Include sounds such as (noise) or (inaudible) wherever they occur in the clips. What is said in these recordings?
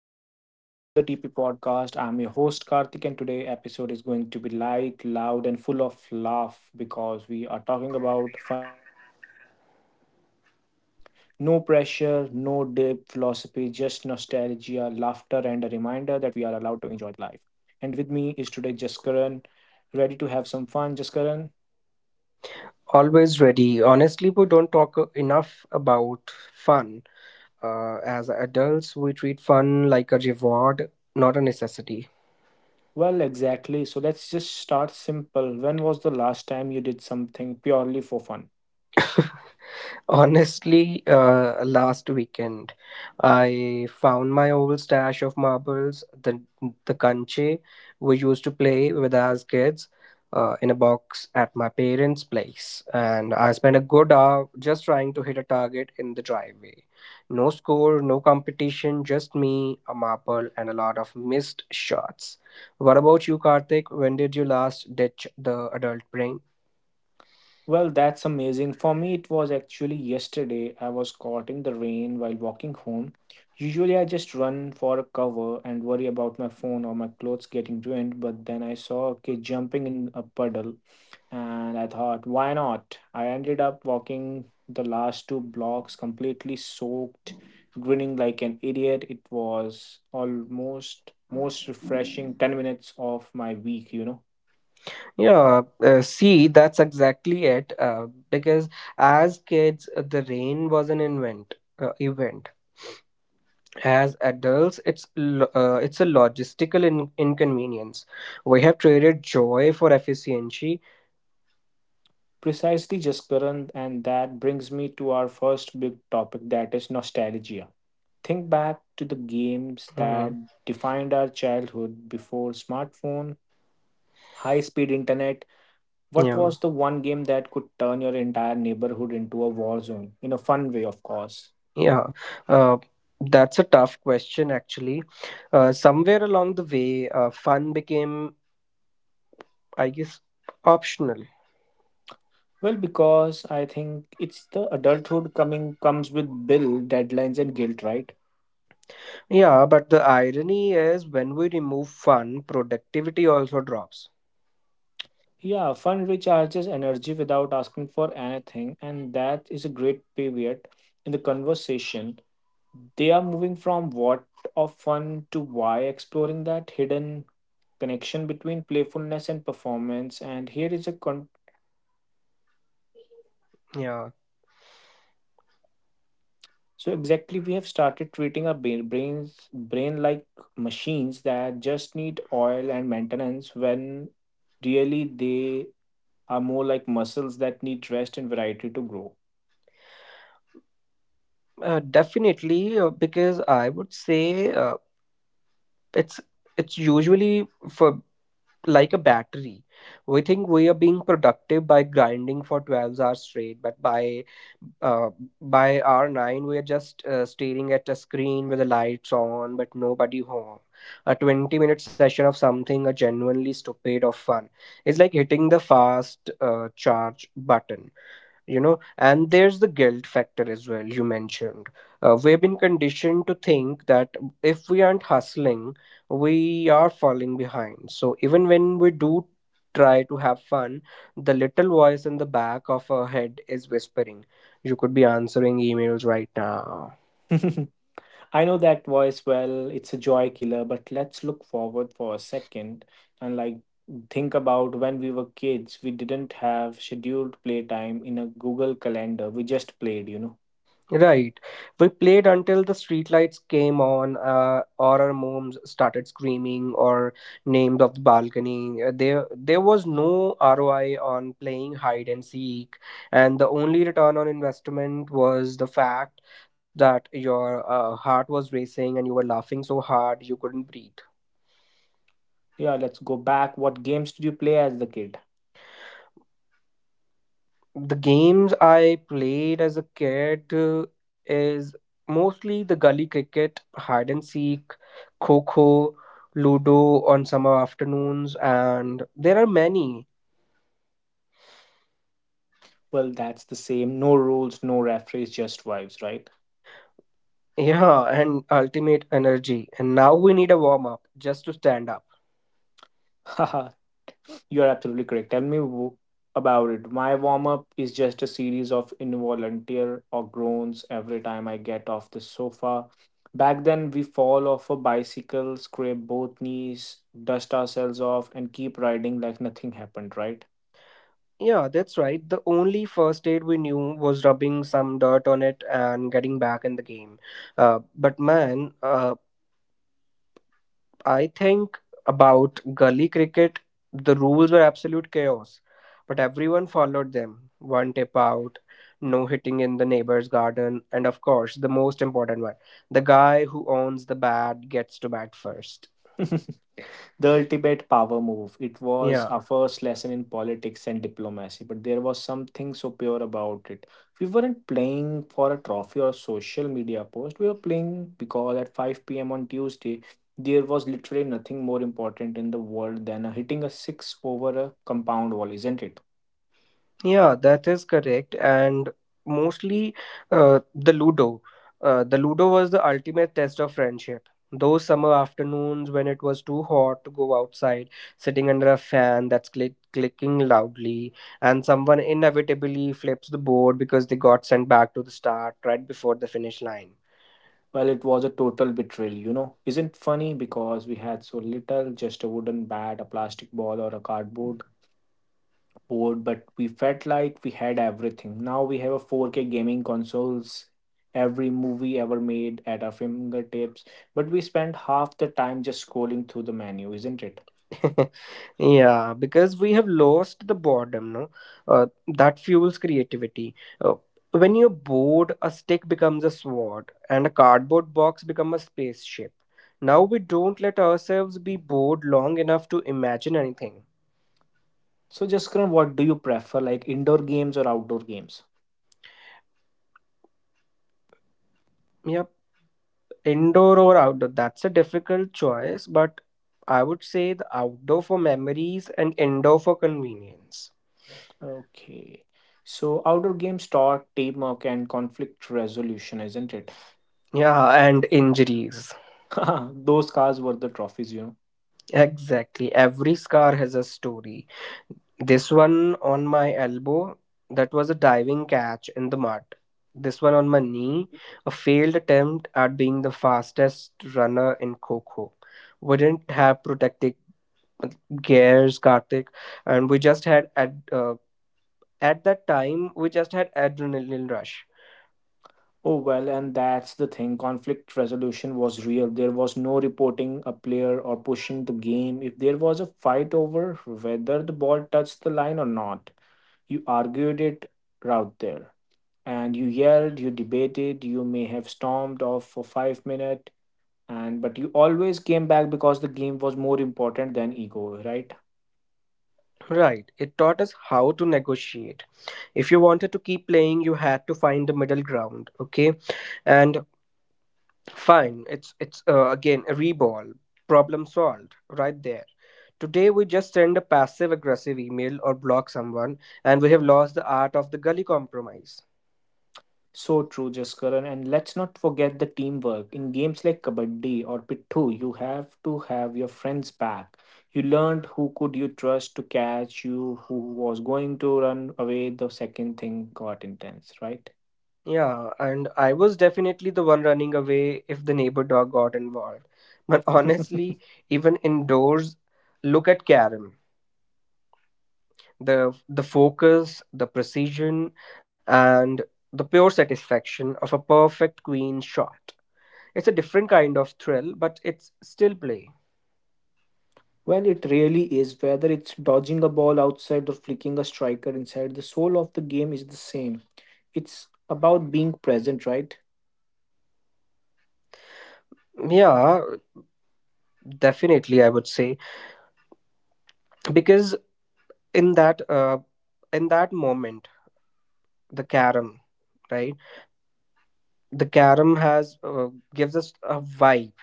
Welcome to the TP podcast. I'm your host Karthik, and today episode is going to be light, loud and full of laugh because we are talking about fun and games. No pressure, no deep philosophy, just nostalgia, laughter and a reminder that we are allowed to enjoy the life. And with me is today Jaskaran, ready to have some fun, Jaskaran? Always ready. Honestly, we don't talk enough about fun. As adults, we treat fun like a reward, not a necessity. Well, exactly. So let's just start simple. When was the last time you did something purely for fun? Honestly, last weekend, I found my old stash of marbles, the kanche we used to play with as kids, in a box at my parents' place, and I spent a good hour just trying to hit a target in the driveway. No score, no competition, just me, a marble, and a lot of missed shots. What about you, Karthik? When did you last ditch the adult brain? Well, that's amazing. For me, it was actually yesterday. I was caught in the rain while walking home. Usually, I just run for a cover and worry about my phone or my clothes getting ruined. But then I saw a kid jumping in a puddle, and I thought, why not? I ended up walking the last two blocks completely soaked, grinning like an idiot. It was almost most refreshing 10 minutes of my week. Yeah, see, that's exactly it. Because as kids, the rain was an event. As adults, it's a logistical inconvenience. We have traded joy for efficiency. Precisely, Jaskaran, and that brings me to our first big topic that is nostalgia. Think back to the games Hmm. that defined our childhood before smartphone, high speed internet. What Yeah, was the one game that could turn your entire neighborhood into a war zone? In a fun way, of course. yeah. Uh, that's a tough question, actually. Somewhere along the way, fun became, I guess, optional. Well, because I think it's the adulthood coming comes with bill, deadlines, and guilt, right? Yeah, but the irony is when we remove fun, productivity also drops. Yeah, fun recharges energy without asking for anything, and that is a great pivot in the conversation. They are moving from what of fun to why, exploring that hidden connection between playfulness and performance. And here is a con. Yeah, So exactly, we have started treating our brain like machines that just need oil and maintenance, when really they are more like muscles that need rest and variety to grow. Definitely, because I would say it's it's usually for like a battery. We think we are being productive by grinding for 12 hours straight, but uh, by hour nine, we are just staring at a screen with the lights on, but nobody home. A 20-minute session of something genuinely stupid or fun is like hitting the fast charge button, you know. And there's the guilt factor as well you mentioned. We've been conditioned to think that if we aren't hustling, we are falling behind. So even when we do try to have fun, the little voice in the back of our head is whispering, you could be answering emails right now. (laughs) I know that voice well. It's a joy killer, but let's look forward for a second and like think about when we were kids. We didn't have scheduled playtime in a Google Calendar. We just played. Right. We played until the streetlights came on, or our moms started screaming, or names of the balcony. There was no ROI on playing hide and seek, and the only return on investment was the fact that your heart was racing and you were laughing so hard you couldn't breathe. Yeah, let's go back. What games did you play as the kid? The games I played as a kid is mostly the gully cricket, hide and seek, kho, ludo on summer afternoons, and there are many. (laughs) Well, that's the same. No rules, no referees, just vibes, right? Yeah, and ultimate energy. And now we need a warm up just to stand up. (laughs) You're absolutely correct. About it. My warm up is just a series of involunteer or groans every time I get off the sofa. Back then, we fall off a bicycle, scrape both knees, dust ourselves off, and keep riding like nothing happened, right? Yeah, that's right. The only first aid we knew was rubbing some dirt on it and getting back in the game. Uh, but man, uh, I think about gully cricket. The rules were absolute chaos, but everyone followed them. One tip out, no hitting in the neighbor's garden, and of course, the most important one, the guy who owns the bat gets to bat first. (laughs) The ultimate power move. It was Yeah. our first lesson in politics and diplomacy, but there was something so pure about it. We weren't playing for a trophy or social media post. We were playing because at 5 p.m. on Tuesday, there was literally nothing more important in the world than a hitting a six over a compound wall, isn't it? Yeah, that is correct. And mostly the Ludo. The Ludo was the ultimate test of friendship. Those summer afternoons when it was too hot to go outside, sitting under a fan that's click clicking loudly, and someone inevitably flips the board because they got sent back to the start right before the finish line. Well, it was a total betrayal. Isn't funny because we had so little, just a wooden bat, a plastic ball, or a cardboard bored, but we felt like we had everything. Now we have a 4K gaming consoles, every movie ever made at our fingertips, but we spend half the time just scrolling through the menu, isn't it? (laughs) Yeah, because we have lost the boredom, no? That fuels creativity. Uh, when you're bored, a stick becomes a sword and a cardboard box becomes a spaceship. Now we don't let ourselves be bored long enough to imagine anything. So, Jaskaran, what do you prefer, like indoor games or outdoor games? Yep, indoor or outdoor, that's a difficult choice, but I would say the outdoor for memories and indoor for convenience. Okay. So, outdoor games taught teamwork and conflict resolution, isn't it? Yeah, and injuries. (laughs) Those cars were the trophies. Exactly. Every scar has a story. This one on my elbow, that was a diving catch in the mud. This one on my knee, a failed attempt at being the fastest runner in Coco. We didn't have protective gears, Karthik, and we just had at that time we just had adrenaline rush. Oh, well, and that's the thing. Conflict resolution was real. There was no reporting a player or pushing the game. If there was a fight over whether the ball touched the line or not, you argued it out there. And you yelled, you debated, you may have stormed off for 5 minutes, and but you always came back because the game was more important than ego, right? Right. It taught us how to negotiate. If you wanted to keep playing, you had to find the middle ground. Okay. And fine, it's again a reball. Problem solved right there. Today we just send a passive aggressive email or block someone, and we have lost the art of the gully compromise. So true, Jaskaran. And let's not forget the teamwork. In games like Kabaddi or Pittu, you have to have your friends back. You learned who could you trust to catch you, who was going to run away the second thing got intense, right? Yeah, and I was definitely the one running away if the neighbor dog got involved. (laughs) But honestly, (laughs) even indoors, look at Karen. The focus, the precision, and the pure satisfaction of a perfect queen shot. It's a different kind of thrill, but it's still play. Well, it really is. Whether it's dodging a ball outside or flicking a striker inside, the soul of the game is the same. It's about being present, right? Yeah, definitely, I would say because in that uh, in that moment, the carom, right? The carom has gives us a vibe.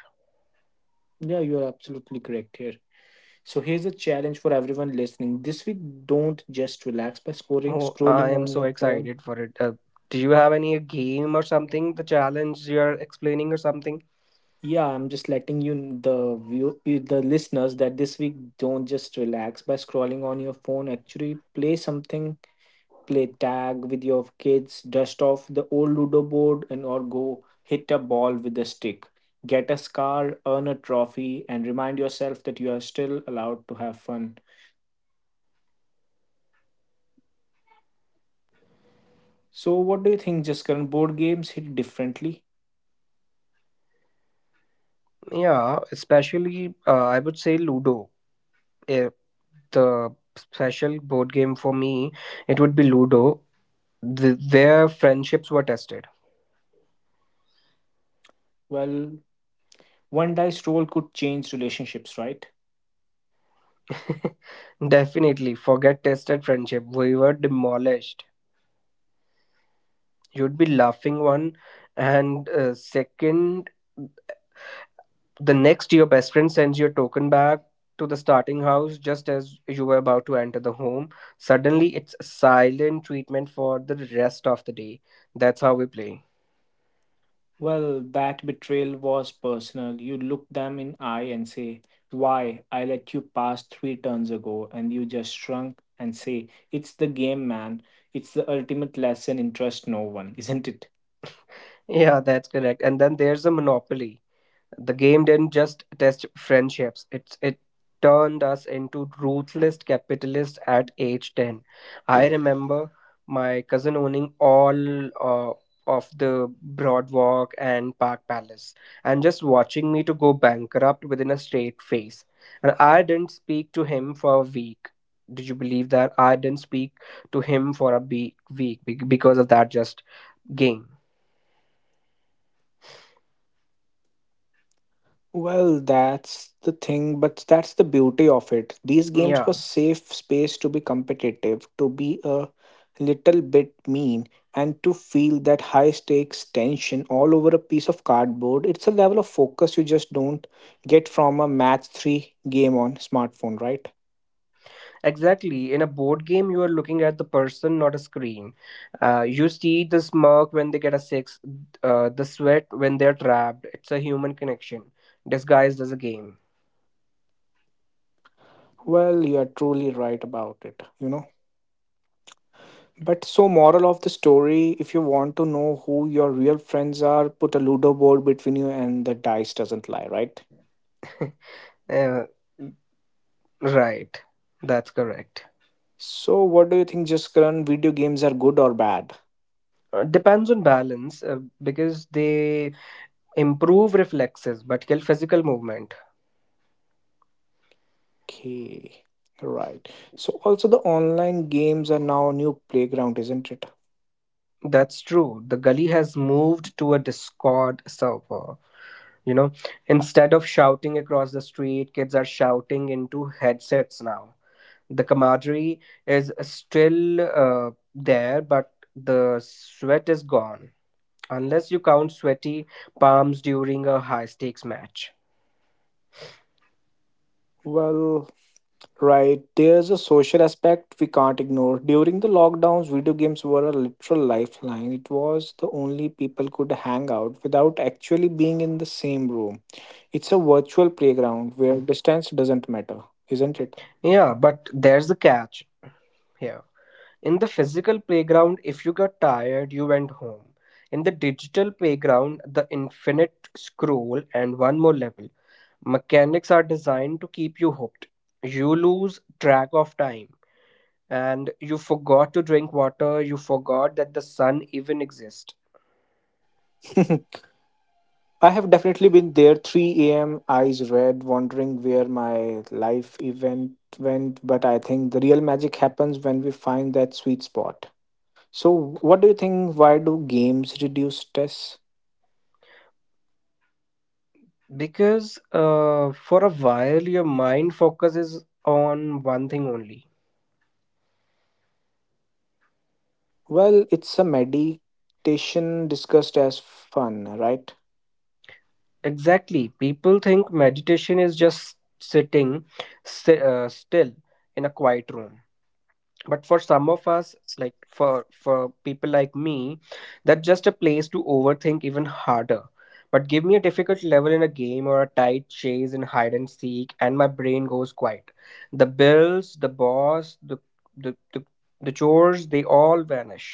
Yeah, you are absolutely correct here. So here's a challenge for everyone listening. This week, don't just relax by Oh, I scrolling am on so your phone. excited for it. Do you have any game or something? The challenge you're explaining or something? Yeah, I'm just letting you kn- the view you- the listeners that this week don't just relax by scrolling on your phone. Actually, play something, play tag with your kids, dust off the old Ludo board and or go hit a ball with a stick. Get a scar, earn a trophy, and remind yourself that you are still allowed to have fun. So what do you think, Jaskaran? Board games hit differently? Yeah, especially I would say Ludo. Eh, the special board game for me, it would be Ludo. The, their friendships were tested. Well, one dice roll could change relationships, right? (laughs) Definitely, forget tested friendship. We were demolished. You'd be laughing one, and second, the next your best friend sends your token back to the starting house just as you were about to enter the home. Suddenly, it's silent treatment for the rest of the day. That's how we play. Well, that betrayal was personal. You look them in eye and say, "Why? I let you pass 3 turns ago and you just shrunk." And say, "It's the game, man. It's the ultimate lesson in trust no one, (laughs) isn't it?" Yeah, that's correct. And then there's a monopoly. The game didn't just test friendships, it turned us into ruthless capitalists at age 10. I remember my cousin owning all of the Broad Walk and Park Palace and just watching me to go bankrupt within a straight face. And I didn't speak to him for a week. Did you believe that? I didn't speak to him for a week because of that just game. Well, that's the thing, but that's the beauty of it. These games were Yeah. safe space to be competitive, to be a little bit mean, and to feel that high stakes tension all over a piece of cardboard. It's a level of focus you just don't get from a match 3 game on smartphone, right? Exactly. In a board game, you are looking at the person, not a screen. You see the smirk when they get a six, the sweat when they're trapped. It's a human connection disguised as a game. (laughs) Well, you are truly right about it. But so moral of the story, if you want to know who your real friends are, put a ludo board between you and the dice doesn't lie, right? Uh, right. That's correct. So, what do you think, Jaskaran? Video games are good or bad? Depends on balance because they improve reflexes but kill physical movement. Okay, right. So, also the online games are now new playground, isn't it? That's true. The gully has moved to a Discord server. You know, instead of shouting across the street, kids are shouting into headsets now. The camaraderie is still there, but the sweat is gone. Unless you count sweaty palms during a high stakes match. Well, right. There's a social aspect we can't ignore. During the lockdowns, video games were a literal lifeline. It was the only people could hang out without actually being in the same room. It's a virtual playground where distance doesn't matter, isn't it? Yeah, but there's a catch here. In the physical playground, if you got tired, you went home. In the digital playground, the infinite scroll and one more level. Mechanics are designed to keep you hooked. You lose track of time and you forgot to drink water, you forgot that the sun even exists. (laughs) I have definitely been there. 3 a.m. eyes red, wondering where my life event went. But I think the real magic happens when we find that sweet spot. So, what do you think? Why do games reduce stress? Because for a while, your mind focuses on one thing only. Well, it's a meditation discussed as fun, right? Exactly. People think meditation is just sitting still in a quiet room. But for some of us, like for people like me, that's just a place to overthink even harder. But give me a difficult level in a game or a tight chase in hide and seek and my brain goes quiet. The bills, the boss, the the, the chores, they all vanish.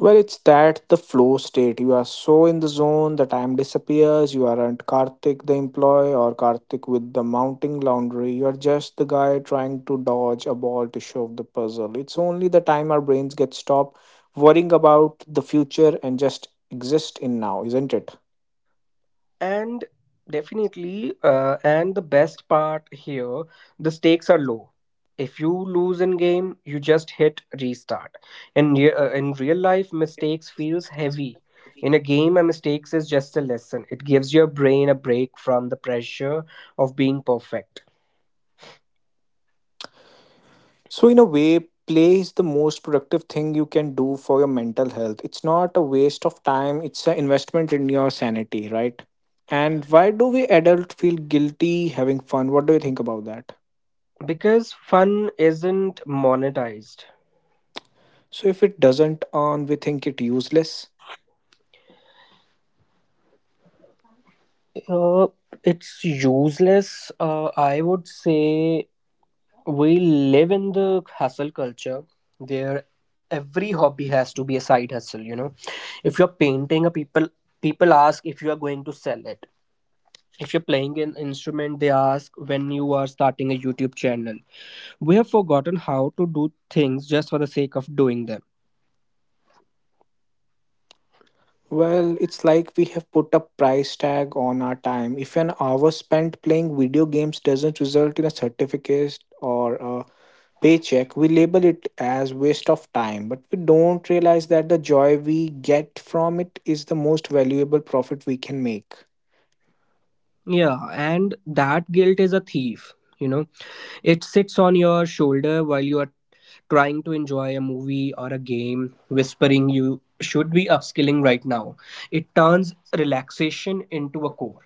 Well, it's that the flow state. You are so in the zone, the time disappears. You aren't Karthik the employee or Karthik with the mounting laundry. You are just the guy trying to dodge a ball to solve the puzzle. It's only the time our brains get stopped worrying about the future and just exist in now, isn't it? And definitely, and the best part here, the stakes are low. If you lose in game you just hit restart. In real life mistakes feels heavy. In a game a mistakes is just a lesson. It gives your brain a break from the pressure of being perfect. So, in a way, play is the most productive thing you can do for your mental health. It's not a waste of time, it's an investment in your sanity, right? And why do we adults feel guilty having fun? What do you think about that? Because fun isn't monetized. So, if it doesn't earn, we think it useless. Uh, it's useless, I would say. We live in the hustle culture where every hobby has to be a side hustle, you know. If you're painting, a people people ask if you are going to sell it. If you're playing an instrument, they ask when you are starting a YouTube channel. We have forgotten how to do things just for the sake of doing them. Well, it's like we have put a price tag on our time. If an hour spent playing video games doesn't result in a certificate or a paycheck, we label it as waste of time, but we don't realize that the joy we get from it is the most valuable profit we can make. Yeah, and that guilt is a thief, you know. It sits on your shoulder while you are trying to enjoy a movie or a game, whispering you should be upskilling right now. It turns relaxation into a core.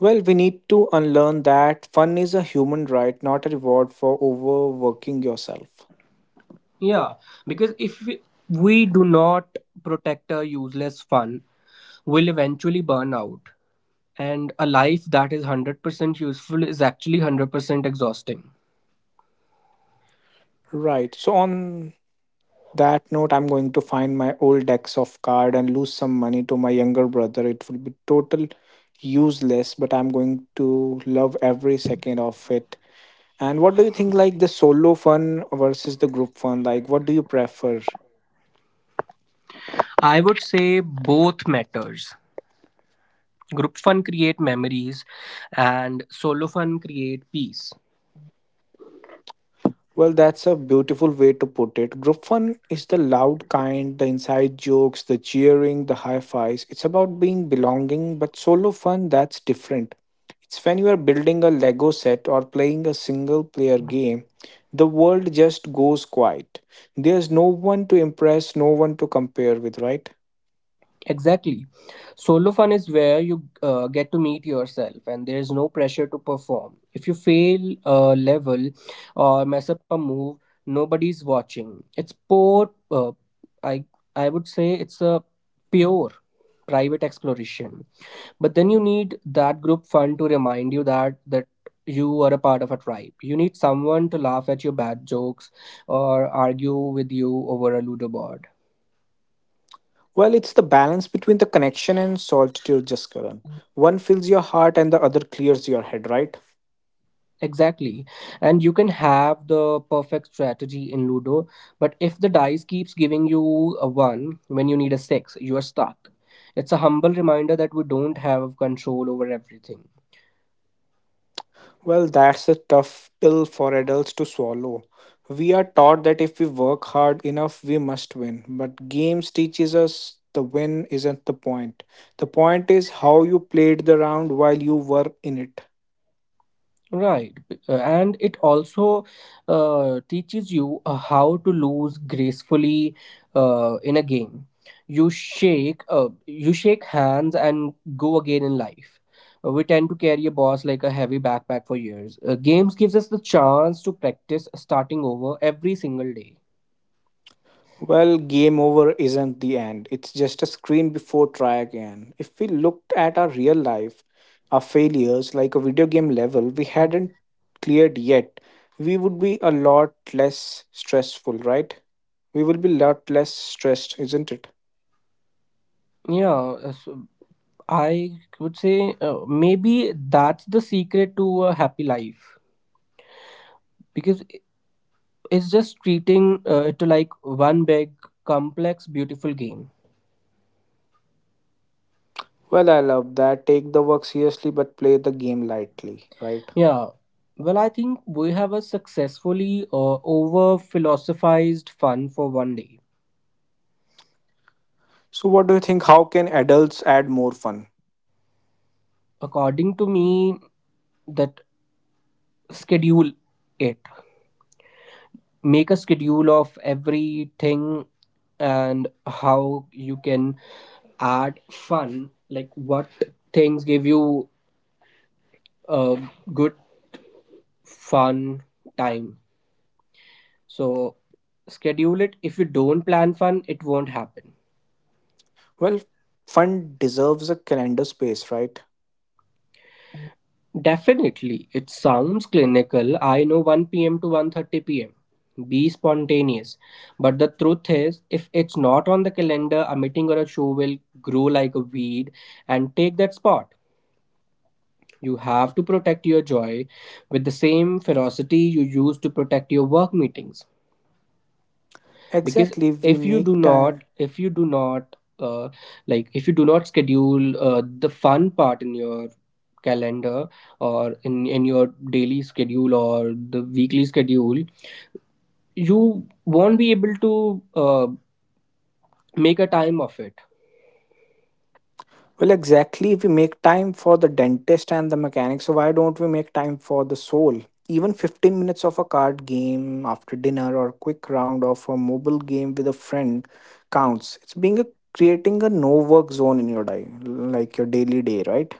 Well, we need to unlearn that fun is a human right, not a reward for overworking yourself. Yeah, because if we do not protect our useless fun, we'll eventually burn out. And a life that is 100% useful is actually 100% exhausting. Right. So on that note, I'm going to find my old decks of card and lose some money to my younger brother. It will be total useless, but I'm going to love every second of it. And what do you think, like the solo fun versus the group fun? Like, what do you prefer? I would say both matters. Group fun create memories and solo fun create peace. Well, that's a beautiful way to put it. Group fun is the loud kind, the inside jokes, the cheering, the high fives. It's about being belonging, but solo fun, that's different. It's when you are building a Lego set or playing a single player game, the world just goes quiet. There's no one to impress, no one to compare with, right? Exactly. Solo fun is where you get to meet yourself and there's no pressure to perform. If you fail a level or mess up a move, nobody's watching. It's poor I I would say it's a pure private exploration. But then you need that group fun to remind you that you are a part of a tribe. You need someone to laugh at your bad jokes or argue with you over a ludo board. Well, it's the balance between the connection and solitude, Jaskaran. One fills your heart and the other clears your head, right? Exactly. And you can have the perfect strategy in ludo, but if the dice keeps giving you a 1 when you need a 6, you are stuck. It's a humble reminder that we don't have control over everything. Well, that's a tough pill for adults to swallow. We are taught that if we work hard enough, we must win. But games teaches us the win isn't the point. The point is how you played the round while you were in it. Right, and it also teaches you how to lose gracefully in a game. You shake hands and go again in life. We tend to carry a boss like a heavy backpack for years. Games gives us the chance to practice starting over every single day. Well, game over isn't the end. It's just a screen before try again. If we looked at our real life, our failures, like a video game level we hadn't cleared yet, we would be a lot less stressful, right? We will be a lot less stressed, isn't it? Yeah, so I would say maybe that's the secret to a happy life because it's just treating it like one big, complex, beautiful game. Well, I love that. Take the work seriously but play the game lightly, right? Yeah. Well, I think we have a successfully over philosophized fun for one day. So, what do you think? How can adults add more fun? According to me, that schedule it. Make a schedule of everything and how you can add fun. Like what things give you a good fun time. So schedule it. If you don't plan fun, it won't happen. Well, fun deserves a calendar space, right? Definitely. It sounds clinical, I know, 1 p.m. to 1:30 p.m. Be spontaneous. But the truth is, if it's not on the calendar, a meeting or a show will grow like a weed and take that spot. You have to protect your joy with the same ferocity you use to protect your work meetings. Because Exactly. We if you do make not time. if you do not like if you do not schedule the fun part in your calendar or in your daily schedule or the weekly schedule, you won't be able to make a time of it. Well, exactly. We make time for the dentist and the mechanic, so why don't we make time for the soul? Even 15 minutes of a card game after dinner or quick round of a mobile game with a friend counts. It's being a creating a no work zone in your day, like your daily day, right?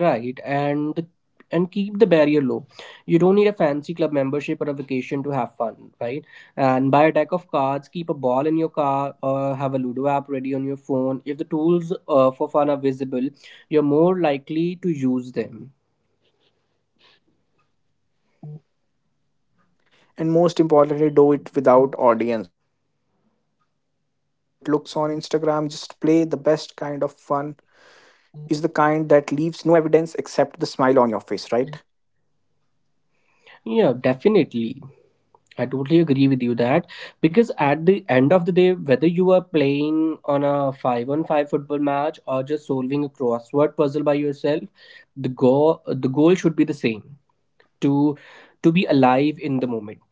Right, and keep the barrier low. You don't need a fancy club membership or a vacation to have fun, right? And buy a deck of cards, keep a ball in your car, or have a Ludo app ready on your phone. If the tools for fun are visible, you're more likely to use them. And most importantly, do it without audience. Don't worry about how it looks on Instagram. Just play the best kind of fun is the kind that leaves no evidence except the smile on your face, right? Yeah, definitely. I totally agree with you, that because at the end of the day, whether you are playing on a five-on-five football match or just solving a crossword puzzle by yourself, the goal should be the same, to be alive in the moment.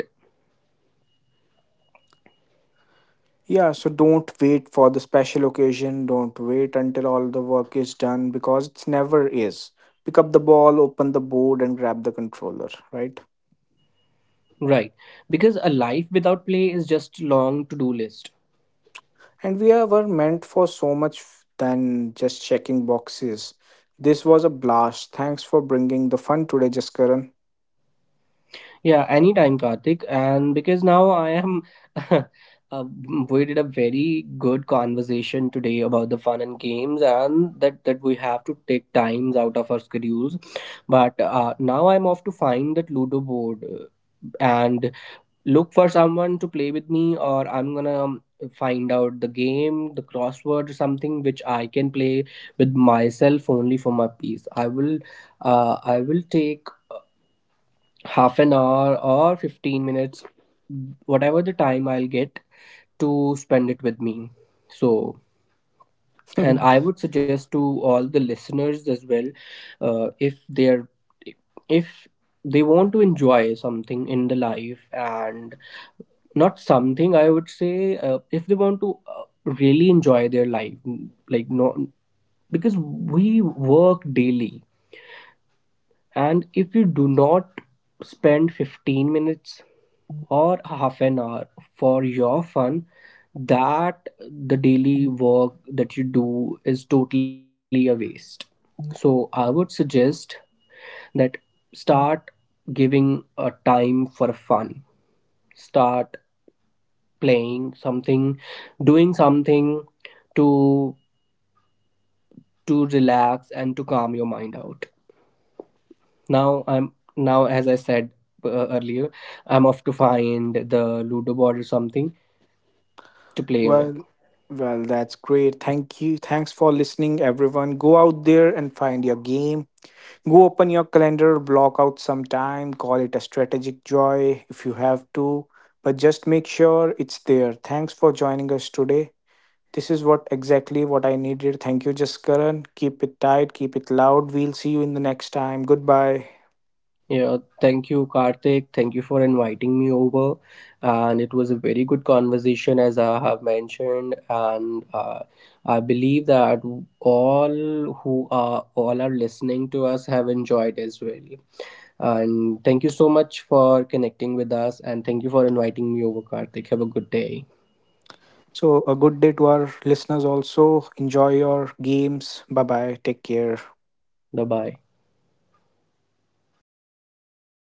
Yeah, so don't wait for the special occasion. Don't wait until all the work is done because it's never is. Pick up the ball, open the board, and grab the controller, right? Right, because a life without play is just long to do list. Were meant for so much than just checking boxes. This was a blast. Thanks for bringing the fun today, Jaskaran. Yeah, anytime, Karthik. And because now I am (laughs) uh, we did a very good conversation today about the fun and games, and that we have to take times out of our schedules. But now I'm off to find that Ludo board, and look for someone to play with me, or I'm gonna find out the game, the crossword or something which I can play with myself only. For my peace, I will I will take half an hour or 15 minutes, whatever the time I'll get, to spend it with me. So, and I (laughs) would suggest to all the listeners as well, if they're if they want to enjoy something in the life, and not something I would say if they want to really enjoy their life, like, no, because we work daily, and if you do not spend 15 minutes or half an hour for your fun, that the daily work that you do is totally a waste. So I would suggest that start giving a time for fun, start playing something, doing something, to relax and to calm your mind out. Now I'm now as I said earlier, I'm off to find the Ludo board or something to play on it. well, well, that's great. Thank you. Thanks for listening, everyone. Go out there and find your game. Go open your calendar, block out some time, call it a strategic joy if you have to, but just make sure it's there. Thanks for joining us today. This is what exactly what I needed. Thank you, Jaskaran. Keep it tight, keep it loud. We'll see you in the next time. Goodbye. Yeah, thank you, Karthik. Thank you for inviting me over. And it was a very good conversation, as I have mentioned. And I believe that all who are all are listening to us have enjoyed as well. And thank you so much for connecting with us, and thank you for inviting me over, Karthik. Have a good day. So, a good day to our listeners also. Enjoy your games. Bye bye. Take care. Bye bye.